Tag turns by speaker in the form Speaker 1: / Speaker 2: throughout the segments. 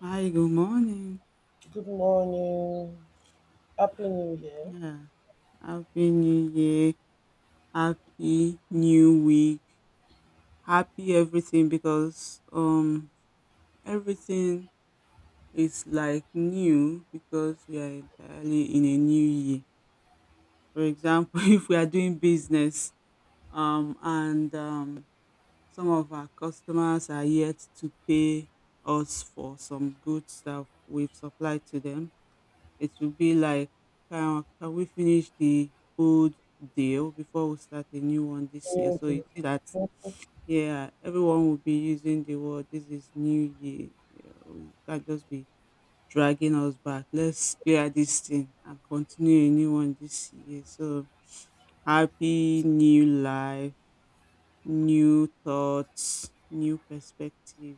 Speaker 1: Hi, good morning.
Speaker 2: Good morning. Happy New Year.
Speaker 1: Yeah, happy new year, happy new week, happy everything because everything is like new because we are entirely in a new year. For example, if we are doing business and some of our customers are yet to pay us for some goods that we've supplied to them. It will be like, can we finish the old deal before we start a new one this year?
Speaker 2: New
Speaker 1: So
Speaker 2: Year.
Speaker 1: you see that, yeah, everyone will be using the word, this is new year. You can't just be dragging us back. Let's clear this thing and continue a new one this year. So happy new life, new thoughts, new perspective.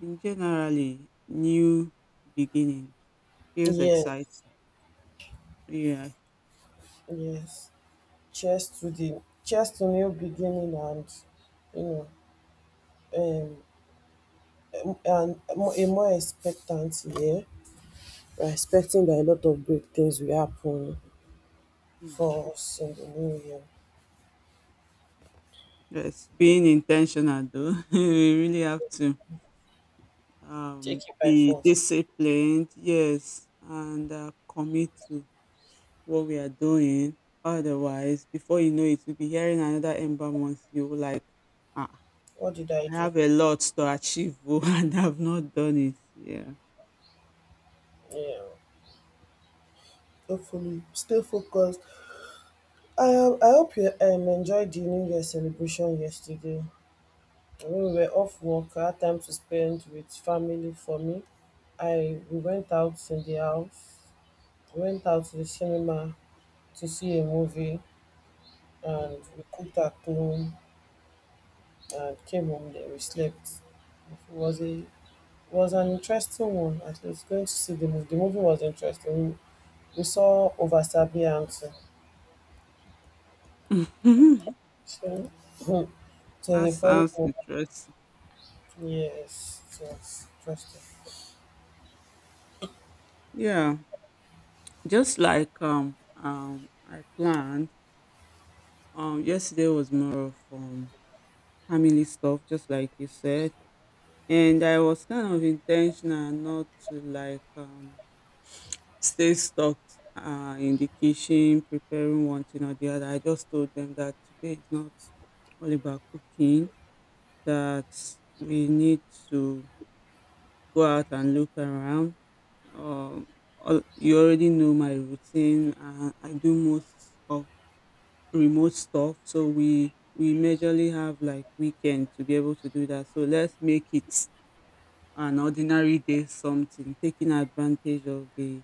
Speaker 1: In generally, new beginning feels
Speaker 2: Yes,
Speaker 1: exciting. Yeah.
Speaker 2: yes. Cheers to new beginning and you know um and a more expectant year. We're expecting that a lot of great things will happen
Speaker 1: Mm.
Speaker 2: for us in the new year.
Speaker 1: Yes, being intentional though, we really have to
Speaker 2: Take it by
Speaker 1: be
Speaker 2: force.
Speaker 1: disciplined, yes, and commit to what we are doing. Otherwise, before you know it, you'll be hearing another Ember Month. You will like, ah,
Speaker 2: What did I
Speaker 1: I
Speaker 2: do?
Speaker 1: have a lot to achieve oh, and I've not done it. Yeah.
Speaker 2: Yeah. Hopefully, stay focused. I I hope you enjoyed the New Year celebration yesterday. When we were off work, I had time to spend with family for me. I we went out in the house, we went out to the cinema to see a movie, and we cooked at home and came home, then we slept. It was an interesting one, at least going to see the movie. The movie was interesting. We saw Over Sabianto.
Speaker 1: Mm.
Speaker 2: So so
Speaker 1: That
Speaker 2: the funny
Speaker 1: sounds
Speaker 2: one,
Speaker 1: interesting.
Speaker 2: yes, yes, interesting.
Speaker 1: Yeah, just like I planned. Yesterday was more of family stuff, just like you said. And I was kind of intentional not to like stay stuck in the kitchen preparing one thing or the other. I just told them that today is not all about cooking, that we need to go out and look around. Um, you already know my routine, and I do most of remote stuff, so we majorly have like weekend to be able to do that. So let's make it an ordinary day something, taking advantage of the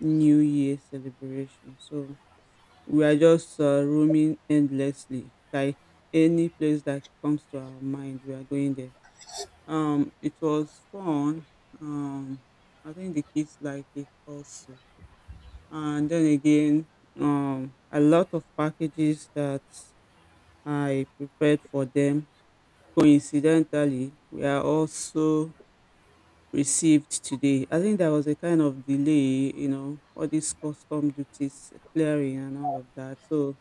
Speaker 1: New Year celebration. So we are just roaming endlessly, like any place that comes to our mind, we are going there. It was fun. Um, I think the kids like it also. And then again, a lot of packages that I prepared for them coincidentally we are also received today. I think there was a kind of delay, you know, all these custom duties, clearing and all of that. So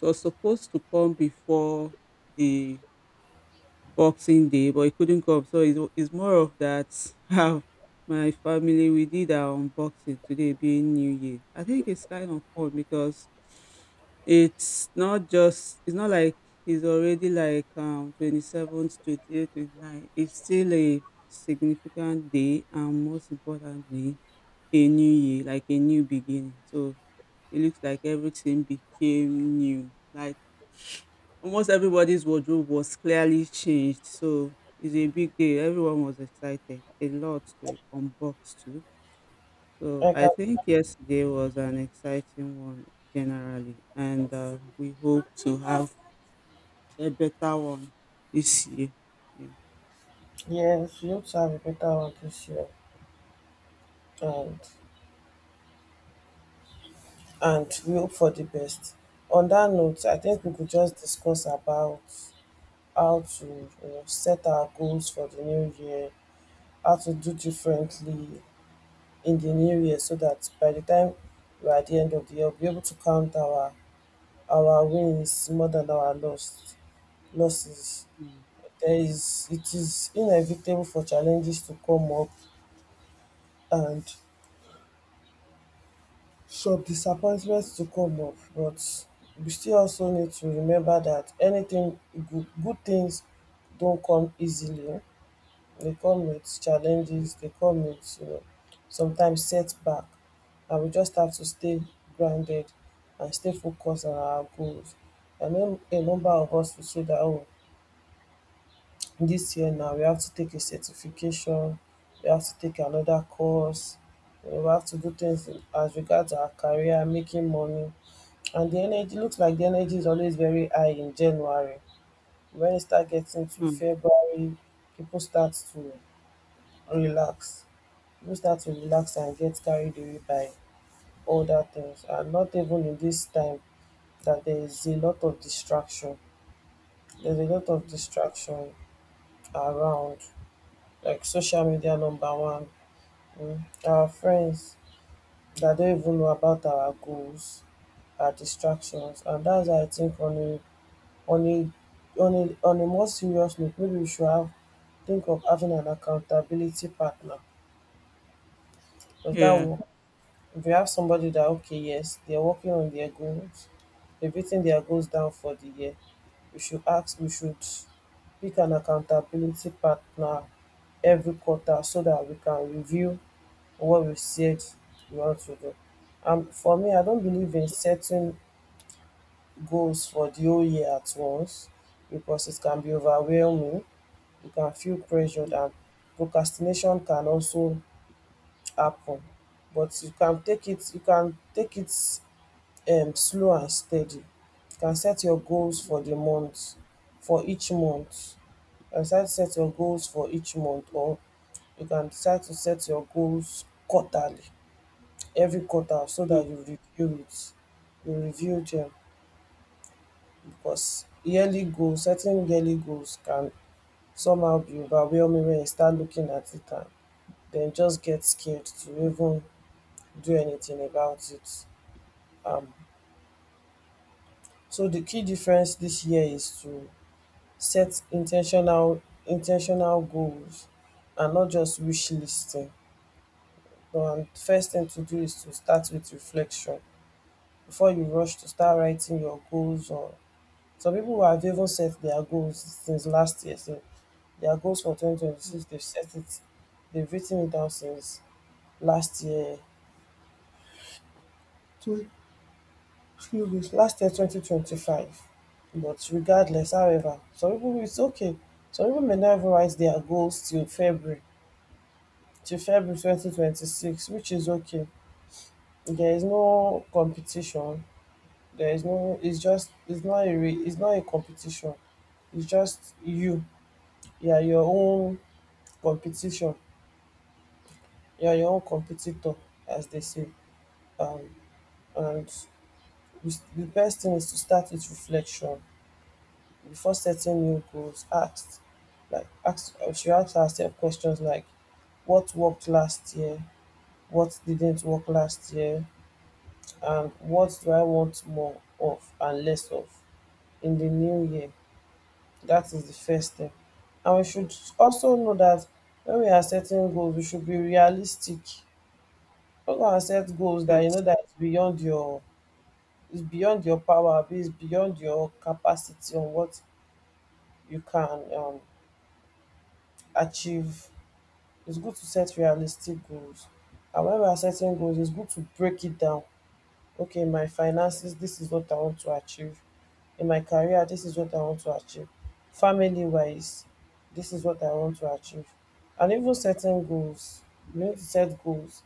Speaker 1: it was supposed to come before the Boxing Day, but it couldn't come. So it's more of that. Have my family, we did our unboxing today, being New Year. I think it's kind of fun because it's not like it's already like 27th, 28th, 29th. It's still a significant day, and most importantly, a new year, like a new beginning. So it looks like everything became new. Like almost everybody's wardrobe was clearly changed, so it's a big day. Everyone was excited, a lot to unbox too. So
Speaker 2: I
Speaker 1: I
Speaker 2: can
Speaker 1: think yesterday was an exciting one generally, and we hope to have a better one this year. Yeah.
Speaker 2: yes, we hope to have a better one this year, and and we hope for the best. On that note, I think we could just discuss about how to set our goals for the new year, how to do differently in the new year so that by the time we're at the end of the year, we'll be able to count our wins more than our losses.
Speaker 1: Mm.
Speaker 2: There is it is inevitable for challenges to come up, and some disappointments to come up, but we still also need to remember that anything good good things don't come easily. They come with challenges, they come with sometimes setback, and we just have to stay grounded and stay focused on our goals. I know a number of us will say that, oh, this year now we have to take a certification, we have to take another course. We have to do things as regards our career, making money, and the energy looks like the energy is always very high in January. When it start getting to
Speaker 1: Mm.
Speaker 2: February, people start to relax. People start to relax and get carried away by other things. And not even in this time that there is a lot of distraction. There's a lot of
Speaker 1: Mm.
Speaker 2: distraction around, like social media number one. mm, Our friends that don't even know about our goals are distractions, and that's why I think on a on a more serious note, maybe we should have think of having an accountability partner. Because that
Speaker 1: Yeah.
Speaker 2: will if you have somebody that, okay, yes, they're working on their goals, they're beating their goals down for the year, we should pick an accountability partner every quarter so that we can review what we said we want to do. For me, I don't
Speaker 1: Mm.
Speaker 2: believe in setting goals for the whole year at once, because it can be overwhelming. You can feel pressured,
Speaker 1: Mm.
Speaker 2: and procrastination can also happen. But you can take it you can take it slow and steady. You can set your goals for the month, for each month. You can decide to set your goals for each month, or you can decide to set your goals quarterly, every quarter, so
Speaker 1: Mm.
Speaker 2: dat you review it, you review dem, because yearly goals setting yearly goals can somehow be overwhelming when you start looking at it, and then just get scared to even do anything about it. Um, so the key difference this year is to set intentional goals and not just wish listing. So and first thing to do is to start with reflection before you rush to start writing your goals, or some people who have even set their goals since last year, so their goals for 2026, they've set it, they've written it down since last year. So few weeks last year, 2025, but regardless. However, some pipu, it's okay. Some pipu may not even write their goals till February 2026, which is okay. There is no competition. There is no It's just, it's not a race, it's not a competition. It's just you, you are your own competition. You are your own competitor, as they say. Um and we s- the best thing is to start with reflection before setting new goals. Ask herself questions like, what worked last year? What didn't work last year? And what do I want more of and less of in the new year? That is the first step. And we should also know that when we are setting goals, we should be realistic. Do not go and set goals that you
Speaker 1: Yes.
Speaker 2: know that it's beyond your, it's beyond your power, abi beyond your capacity on what you can achieve. It's good to set realistic goals. And when we are setting goals, it's good to break it down. Okay, in my finances, this is what I want to achieve. In my career, this is what I want to achieve. Family wise, this is what I want to achieve. And even setting goals, you need to set goals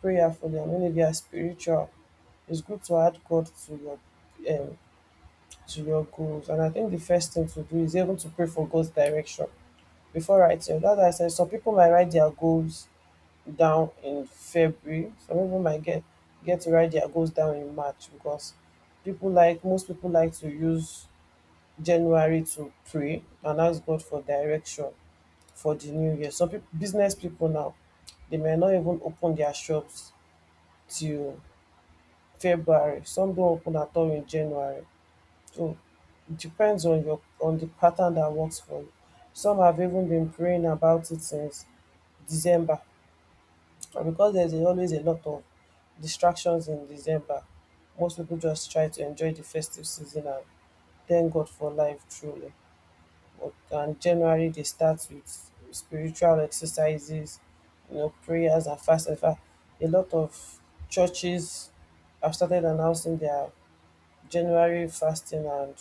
Speaker 2: prayerfully, and when if you are spiritual, it's good to add God your um, to your goals. And I think the first thing to do is able to pray for God's direction before writing. That's why I said some people might write their goals down in February. Some people might get to ride their goals down in March, because people like most people like to use January to pray and ask God for direction for the new year. Some people, business people now, they may not even open their shops till February. Some don't open at all in January. So it depends on the pattern that works for you. Some have even been praying about it since December. And because there's always a lot of distractions in December, most people just try to enjoy the festive season and thank God for life truly. But and January, they start with spiritual exercises, prayers and fast. In fact, a lot of churches have started announcing their January fasting and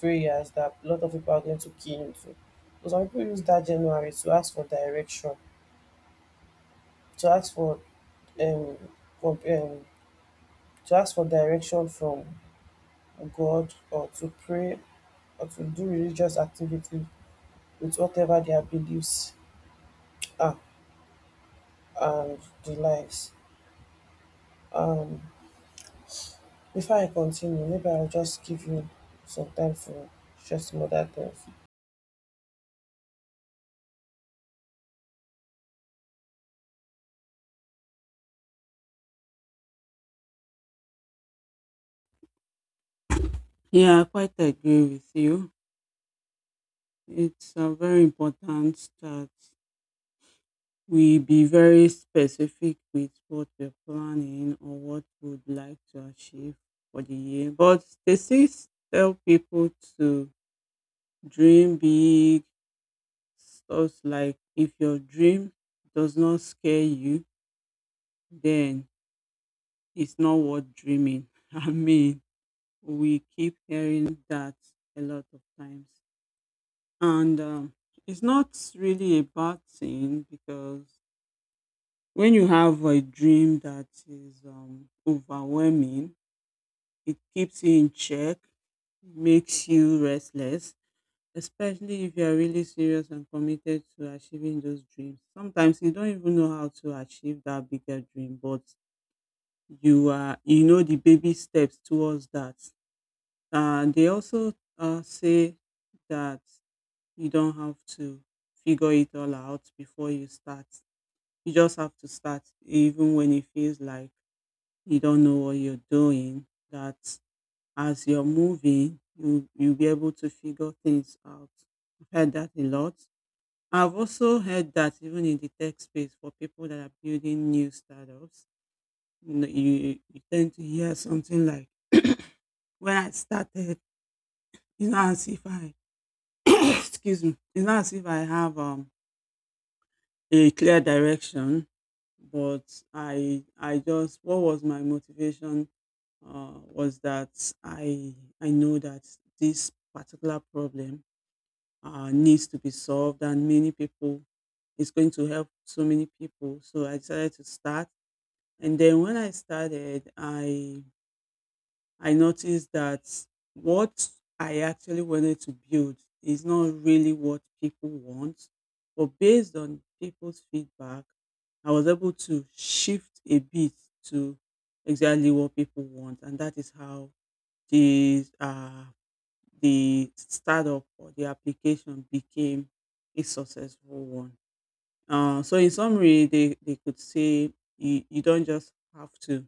Speaker 2: prayers that a lot of people are going to key into. So some people use that January to ask for direction, to ask for um, for um to ask for direction from God, or to pray, or to do religious activity with whatever their beliefs are, and the lives. Um, before I continue, maybe I'll just give you some time for share some other things.
Speaker 1: Yeah, I quite agree with you. It's very important that we be very specific with what we're planning or what we'd like to achieve for the year. But they still tell people to dream big, stuff like if your dream does not scare you, then it's not worth dreaming. I mean, we keep hearing that a lot of times. And it's not really a bad thing because when you have a dream that is overwhelming, it keeps you in check, makes you restless, especially if you're really serious and committed to achieving those dreams. Sometimes you don't even know how to achieve that bigger dream, but you are you know the baby steps towards that. They also say that you don't have to figure it all out before you start. You just have to start, even when it feels like you don't know what you're doing, that as you're moving, you'll be able to figure things out. I've heard that a lot. I've also heard that even in the tech space for people that are building new startups, you tend to hear something like, when I started, it's not as if I, excuse me, it's not as if I have a clear direction, but I just what was my motivation was that I I know that this particular problem needs to be solved, and many people it's going to help so many people. So I decided to start, and then when I started, I noticed that what I actually wanted to build is not really what people want. But based on people's feedback, I was able to shift a bit to exactly what people want. And that is how the, uh, the startup or the application became a successful one. So in summary, they could say you don't just have to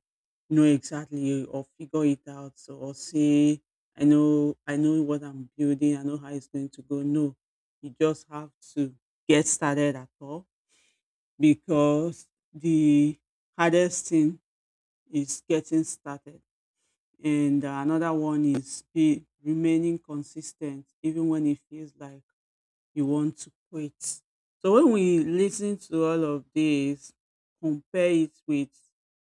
Speaker 1: know exactly or figure it out or say I know what I'm building, I know how it's going to go. No, you just have to get started at all because the hardest thing is getting started. And another one is be remaining consistent even when it feels like you want to quit. So when we listen to all of this, compare it with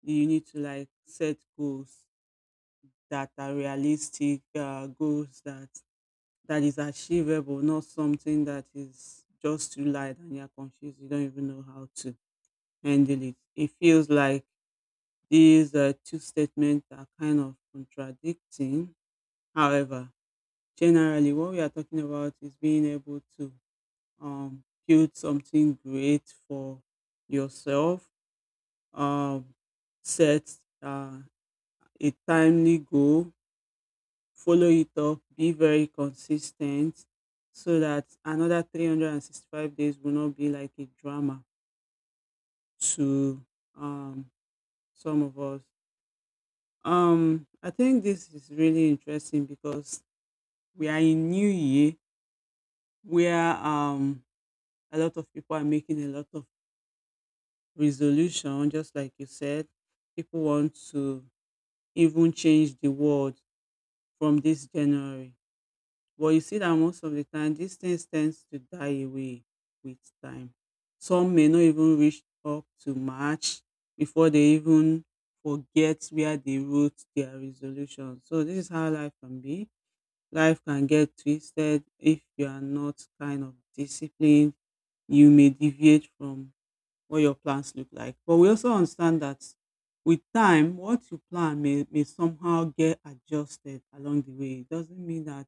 Speaker 1: you need to like set goals that are realistic, goals that is achievable, not something that is just too light and you're confused. You don't even know how to handle it. It feels like these two statements are kind of contradicting. However, generally, what we are talking about is being able to build something great for yourself. Um, Set uh, a timely goal, follow it up, be very consistent so that another 365 days will not be like a drama to um, some of us. I think this is really interesting because we are in New Year where a lot of people are making a lot of resolution, just like you said. People want to even change the world from this January. But you see that most of the time, these things tends to die away with time. Some may not even reach up to March before they even forget where they wrote their resolution. So this is how life can be. Life can get twisted if you are not kind of disciplined. You may deviate from what your plans look like. But we also understand that with time, what you plan may somehow get adjusted along the way. It doesn't mean that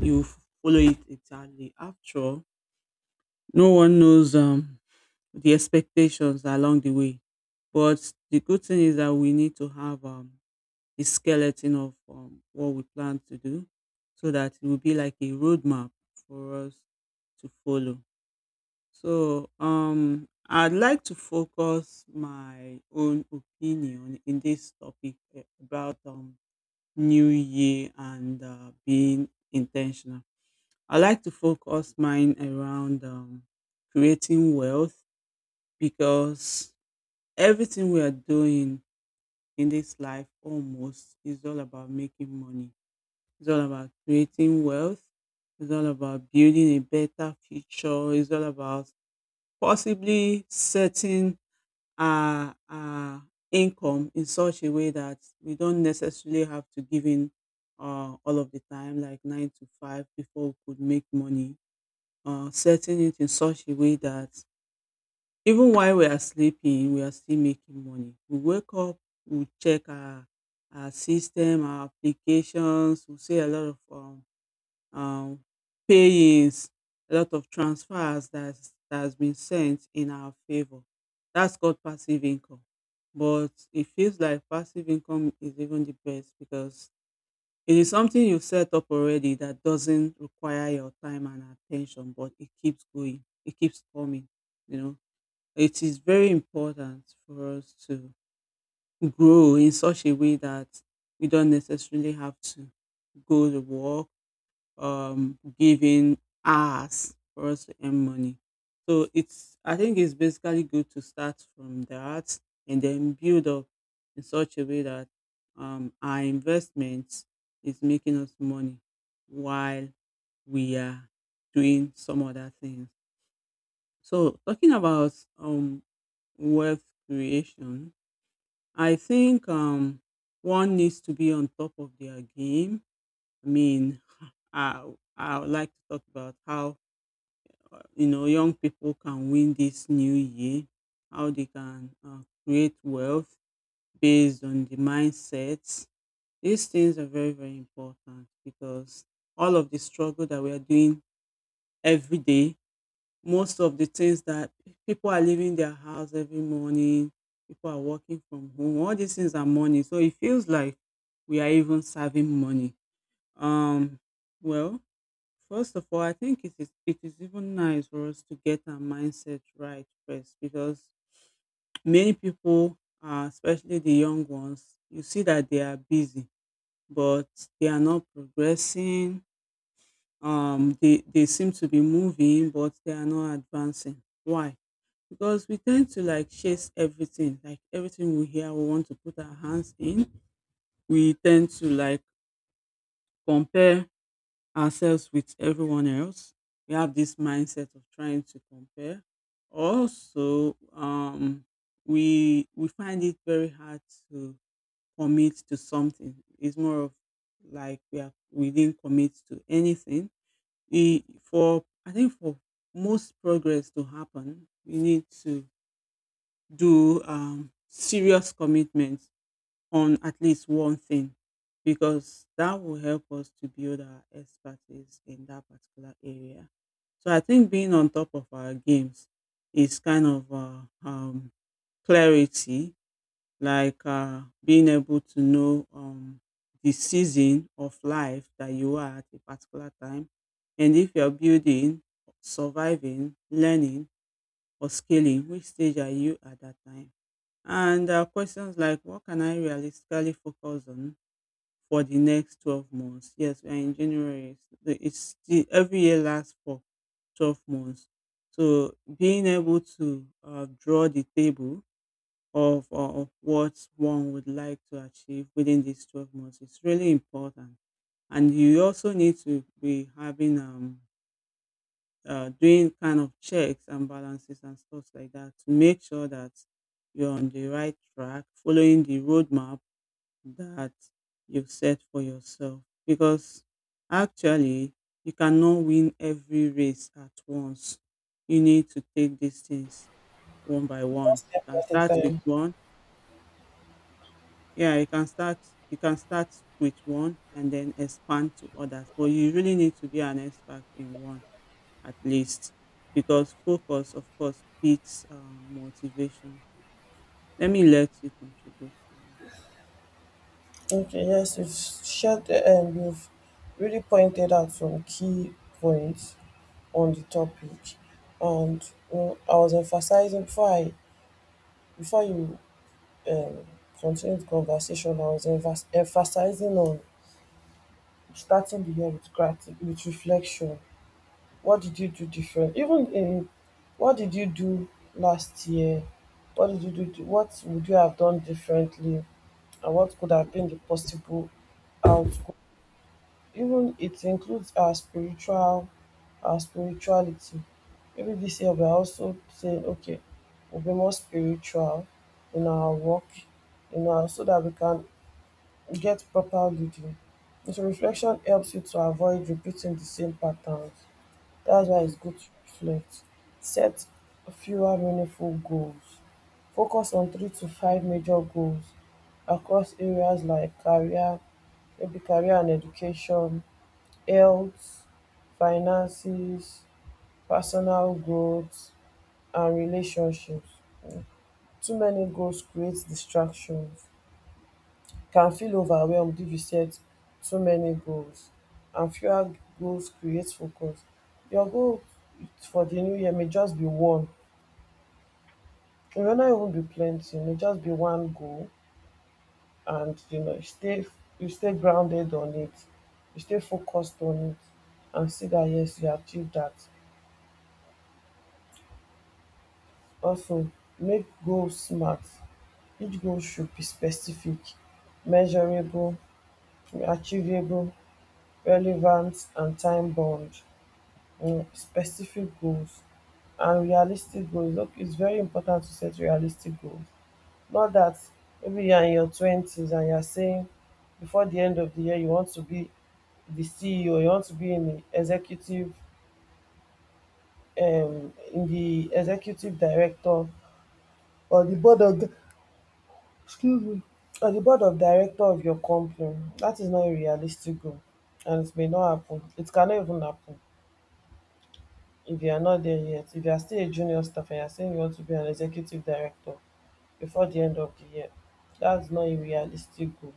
Speaker 1: you f- follow it exactly. After all, no one knows the expectations along the way. But the good thing is that we need to have the skeleton of what we plan to do so that it will be like a roadmap for us to follow. So, I'd like to focus my own opinion in this topic eh, about New Year and being intentional. I like to focus mine around creating wealth because everything we are doing in this life almost is all about making money. It's all about creating wealth. It's all about building a better future. It's all about possibly setting our income in such a way that we don't necessarily have to give in all of the time, like nine to five, before we could make money. Setting it in such a way that even while we are sleeping, we are still making money. We wake up, we check our system, our applications. We see a lot of um, payings, a lot of transfers that has been sent in our favor. That's called passive income. But it feels like passive income is even the best because it is something you've set up already that doesn't require your time and attention, but it keeps going, it keeps coming. You know, it is very important for us to grow in such a way that we don't necessarily have to go to work giving hours for us to earn money. So it's I think it's basically good to start from that and then build up in such a way that our investment is making us money while we are doing some other things. So talking about um, wealth creation, I think one needs to be on top of their game. I mean, I I would like to talk about how you know young people can win this new year, how they can create wealth based on the mindsets. These things are very very important because all of the struggle that we are doing every day, most of the things that people are leaving their house every morning, people are working from home. All these things are money, so it feels like we are even saving money. Um, well, First of all, I think it is even nice for us to get our mindset right first because many people, especially the young ones, you see that they are busy, but they are not progressing. They seem to be moving, but they are not advancing. Why? Because we tend to like chase everything, like everything we hear, we want to put our hands in. We tend to like compare ourselves with everyone else. We have this mindset of trying to compare. Also, we find it very hard to commit to something. It's more of like we didn't commit to anything. We for I think for most progress to happen, we need to do serious commitment on at least one thing, because that will help us to build our expertise in that particular area. So I think being on top of our games is kind of um, clarity, like being able to know the season of life that you are at a particular time. And if you're building, surviving, learning, or scaling, which stage are you at that time? And questions like, what can I realistically focus on for the next 12 months? Yes, we are in January. Every year lasts for 12 months. So being able to draw the table of what one would like to achieve within these 12 months is really important. And you also need to be doing kind of checks and balances and stuff like that to make sure that you're on the right track, following the roadmap that you've set for yourself, because actually you cannot win every race at once. You need to take these things one by
Speaker 2: One
Speaker 1: one. You
Speaker 2: step
Speaker 1: can
Speaker 2: at a
Speaker 1: start with
Speaker 2: time.
Speaker 1: one. Yeah, you can start with one and then expand to others. But you really need to be an expert in one, at least, because focus of course beats motivation. Let me let you contribute.
Speaker 2: Okay, yes, you've shared and you've really pointed out some key points on the topic. And I was emphasizing, before you um continue the conversation, I was emphasizing on starting the year with gratitude, with reflection. What did you do different? Even in what did you do last year? What did you do? What would you have done differently? And what could have been the possible outcome? Even it includes our spirituality. Maybe this year we are also saying, okay, we'll be more spiritual in our work, you know, so that we can get proper leading. Introspection helps you to avoid repeating the same patterns. That's why
Speaker 1: Mm,
Speaker 2: it's good to reflect. Set fewer meaningful goals. Focus on three to five major goals across areas like career, maybe career and education, health, finances, personal growth, and relationships. Too many goals create distractions. Can feel overwhelmed if you set too many goals, and fewer goals create focus. Your goal for the new year may just be one. It may not even be plenty, it may just be one goal, and you stay grounded on it, you stay focused on it, and see that yes, you achieve that. Also, make goals smart. Each goal should be specific, measurable, achievable, relevant and time bound. Specific goals and realistic goals. Look, it's very important to set realistic goals. Not that maybe you're in your twenties and you're saying before the end of the year you want to be the CEO, you want to be in the executive director, or the board of, excuse me, or the board of director of your company. That is not a realistic goal, and it may not happen. It cannot even happen if you are not there yet, if you are still a junior staff and you are saying you want to be an executive director before the end of the year, that's not a realistic goal.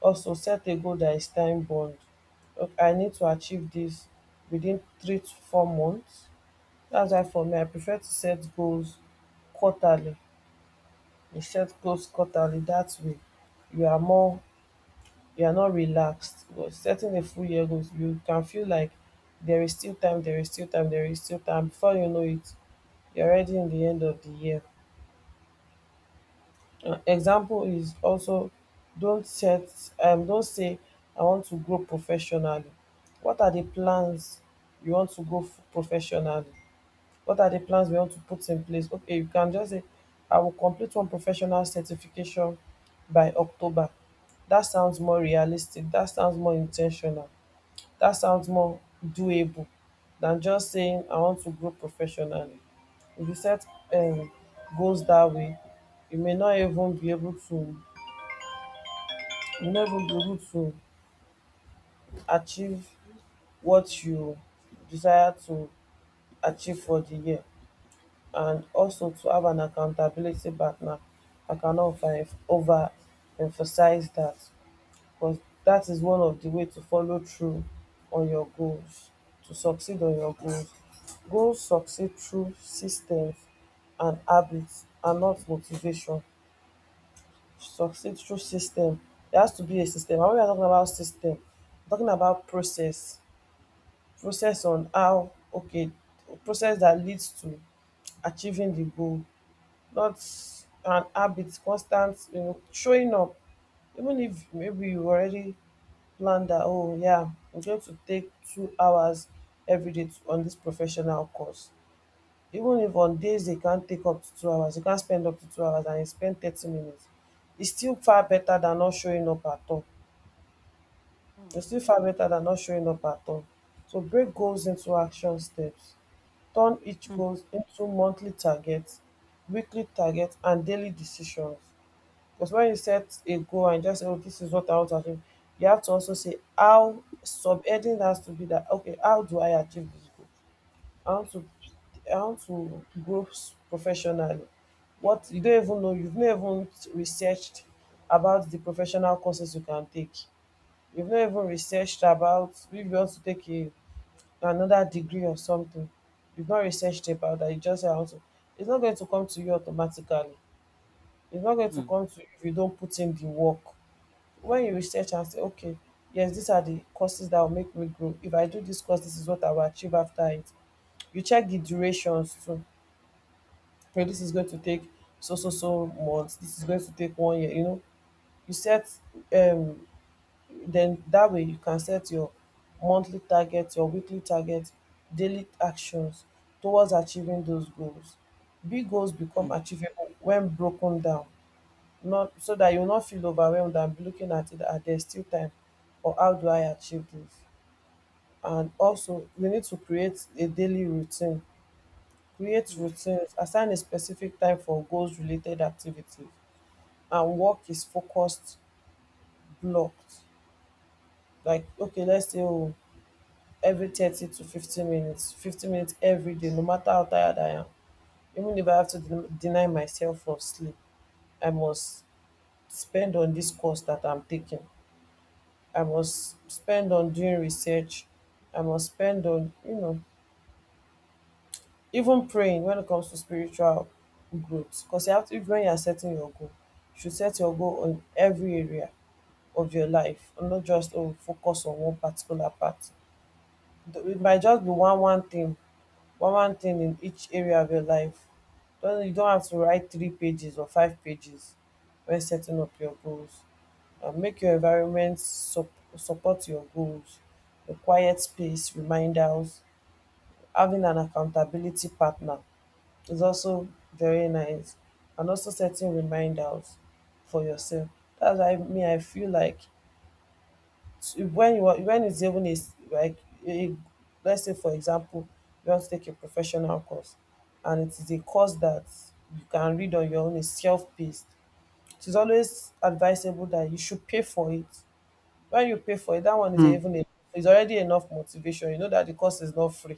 Speaker 2: Also, set a goal that is time bound. Okay, I need to achieve this within 3 to 4 months. That's why, for me, I prefer to set goals quarterly. You set goals quarterly. That way, you are more you are not relaxed. But setting a full year goals, you can feel like there is still time, there is still time, there is still time, before you know it, you're already in the end of the year. An example is also, don't set, don't say, "I want to grow professionally." What are the plans? You want to go professionally? What are the plans we want to put in place? Okay, you can just say, "I will complete one professional certification by October." That sounds more realistic. That sounds more intentional. That sounds more doable than just saying, "I want to grow professionally." If you set um goals that way, you may not even be able to, you no even be able to achieve what you desire to achieve for the year. And also, to have an accountability partner, I cannot over emphasize that, because that is one of the way to follow through on your goals, to succeed on your goals. Goals succeed through systems and habits, and not motivation. Succeed through system. There has to be a system. And when we are talking about system, we're talking about process. Process on how, okay, process that leads to achieving the goal. Not an habit, constant, showing up. Even if maybe you already planned that, oh yeah, I'm going to take 2 hours every day on this professional course. Even if on days they can't take up to 2 hours, you can't spend up to 2 hours and you spend 30 minutes. It's still far better than not showing up at all.
Speaker 1: mm,
Speaker 2: You're still far better than not showing up at all. So break goals into action steps. Turn each goals into monthly targets, weekly targets, and daily decisions. Because when you set a goal and just say, "Oh, this is what I want to achieve," you have to also say how. Subheading has to be that, okay, how do I achieve this goal? I want to, I want to grow professionally. What, you don't even know, you've never even researched about the professional courses you can take. You've not even researched about if you want to take a another degree or something. You've not researched about that. You just say, "I want to." It's not going to come to you automatically. It's not going to
Speaker 1: mm,
Speaker 2: come to you if you don't put in the work. When you research and say, okay, yes, these are the courses that will make me grow. If I do this course, this is what I will achieve after it. You check the durations too. Okay, this is going to take so so so months, this is going to take one year, you know. You set um then that way you can set your monthly target, your weekly target, daily actions towards achieving those goals. Big goals become
Speaker 1: mm,
Speaker 2: achievable when broken down, not so that you'll not feel overwhelmed and be looking at it at there's still time, or how do I achieve this? And also we need to create a daily routine. Create routines, assign a specific time for goals related activities, and work is focused blocked. Like, okay, let's say, oh, every 30 to 50 minutes, 50 minutes every day, no matter how tired I am, even if I have to deny myself of sleep, I must spend on this course that I'm taking. I must spend on doing research. I must spend on even praying, when it comes to spiritual growth. Because you have to, when you're setting your goal, you should set your goal on every area of your life, and not just, oh, focus on one particular part. It might just be one thing, one thing in each area of your life. Don't You don't have to write three pages or five pages when setting up your goals. And make your environment support your goals. A quiet space, reminders, having an accountability partner is also very nice. And also setting reminders for yourself. That's why me, I feel like, to when you are, when it's even is like a, let's say for example, you want to take a professional course, and it is a course that you can read on your own, is self-paced. It is always advisable that you should pay for it. When you pay for it, that one is
Speaker 1: mm,
Speaker 2: even is already enough motivation. You know that the course is not free,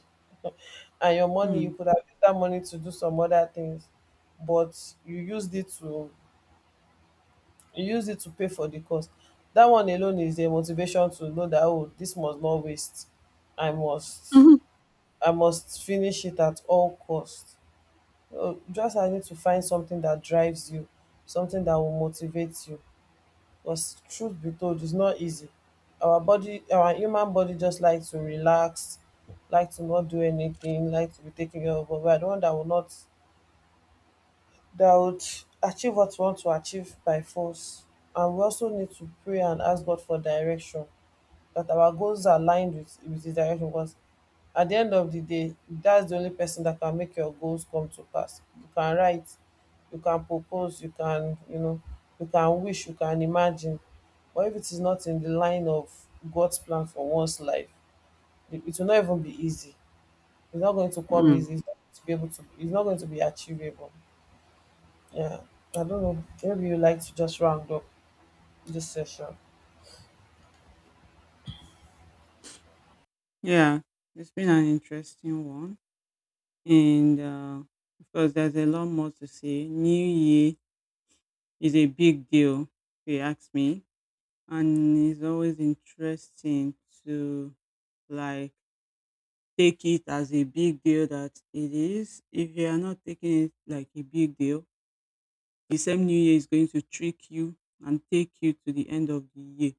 Speaker 2: and your money, you
Speaker 1: mm.
Speaker 2: could have used that money to do some other things, but you use it to pay for the cost. That one alone is a motivation to know that, oh, this must not waste. I must
Speaker 1: Mhm.
Speaker 2: I must finish it at all cost. Oh, just I need to find something that drives you, something that will motivate you. Because truth be told, it's not easy. Our body, our human body, just like to relax, like to not do anything, like to be taken care of. But we are the one that will not, that would achieve what we want to achieve by force. And we also need to pray and ask God for direction, that our goals are aligned with His direction. Because at the end of the day, that's the only person that can make your goals come to pass. You can write, you can propose, you can, you can wish, you can imagine. But if it is not in the line of God's plan for one's life, it will not even be easy. It's not going to come easy.
Speaker 1: Mm.
Speaker 2: It's not going to be able to. It's not going to be achievable. Yeah, I don't know. Maybe you like to just round up this session.
Speaker 1: Yeah, it's been an interesting one. And of course, there's a lot more to say. New Year is a big deal, if you ask me. And it's always interesting to like take it as a big deal that it is. If you are not taking it like a big deal, the same New Year is going to trick you and take you to the end of the year.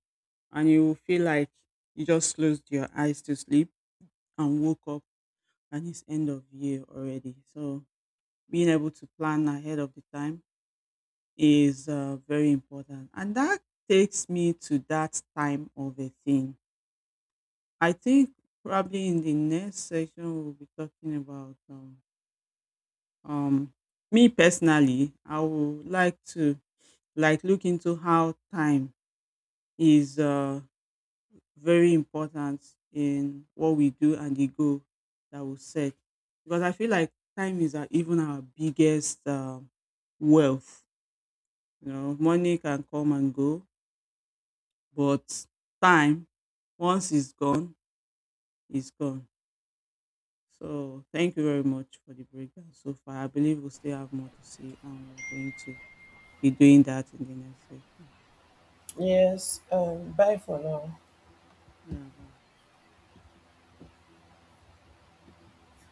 Speaker 1: And you will feel like you just closed your eyes to sleep and woke up and it's end of year already. So being able to plan ahead of the time is very important. And that takes me to that time of a thing. I think probably in the next section we'll be talking about um me personally. I would like to like look into how time is very important in what we do and the goal that we set. Because I feel like time is our, even our biggest wealth. You know, money can come and go, but time, once it's gone, it's gone. So thank you very much for the breakdown so far. I believe we still have more to see, and we're going to be doing that in the next session.
Speaker 2: Yes, bye for now.
Speaker 1: Yeah. Bye.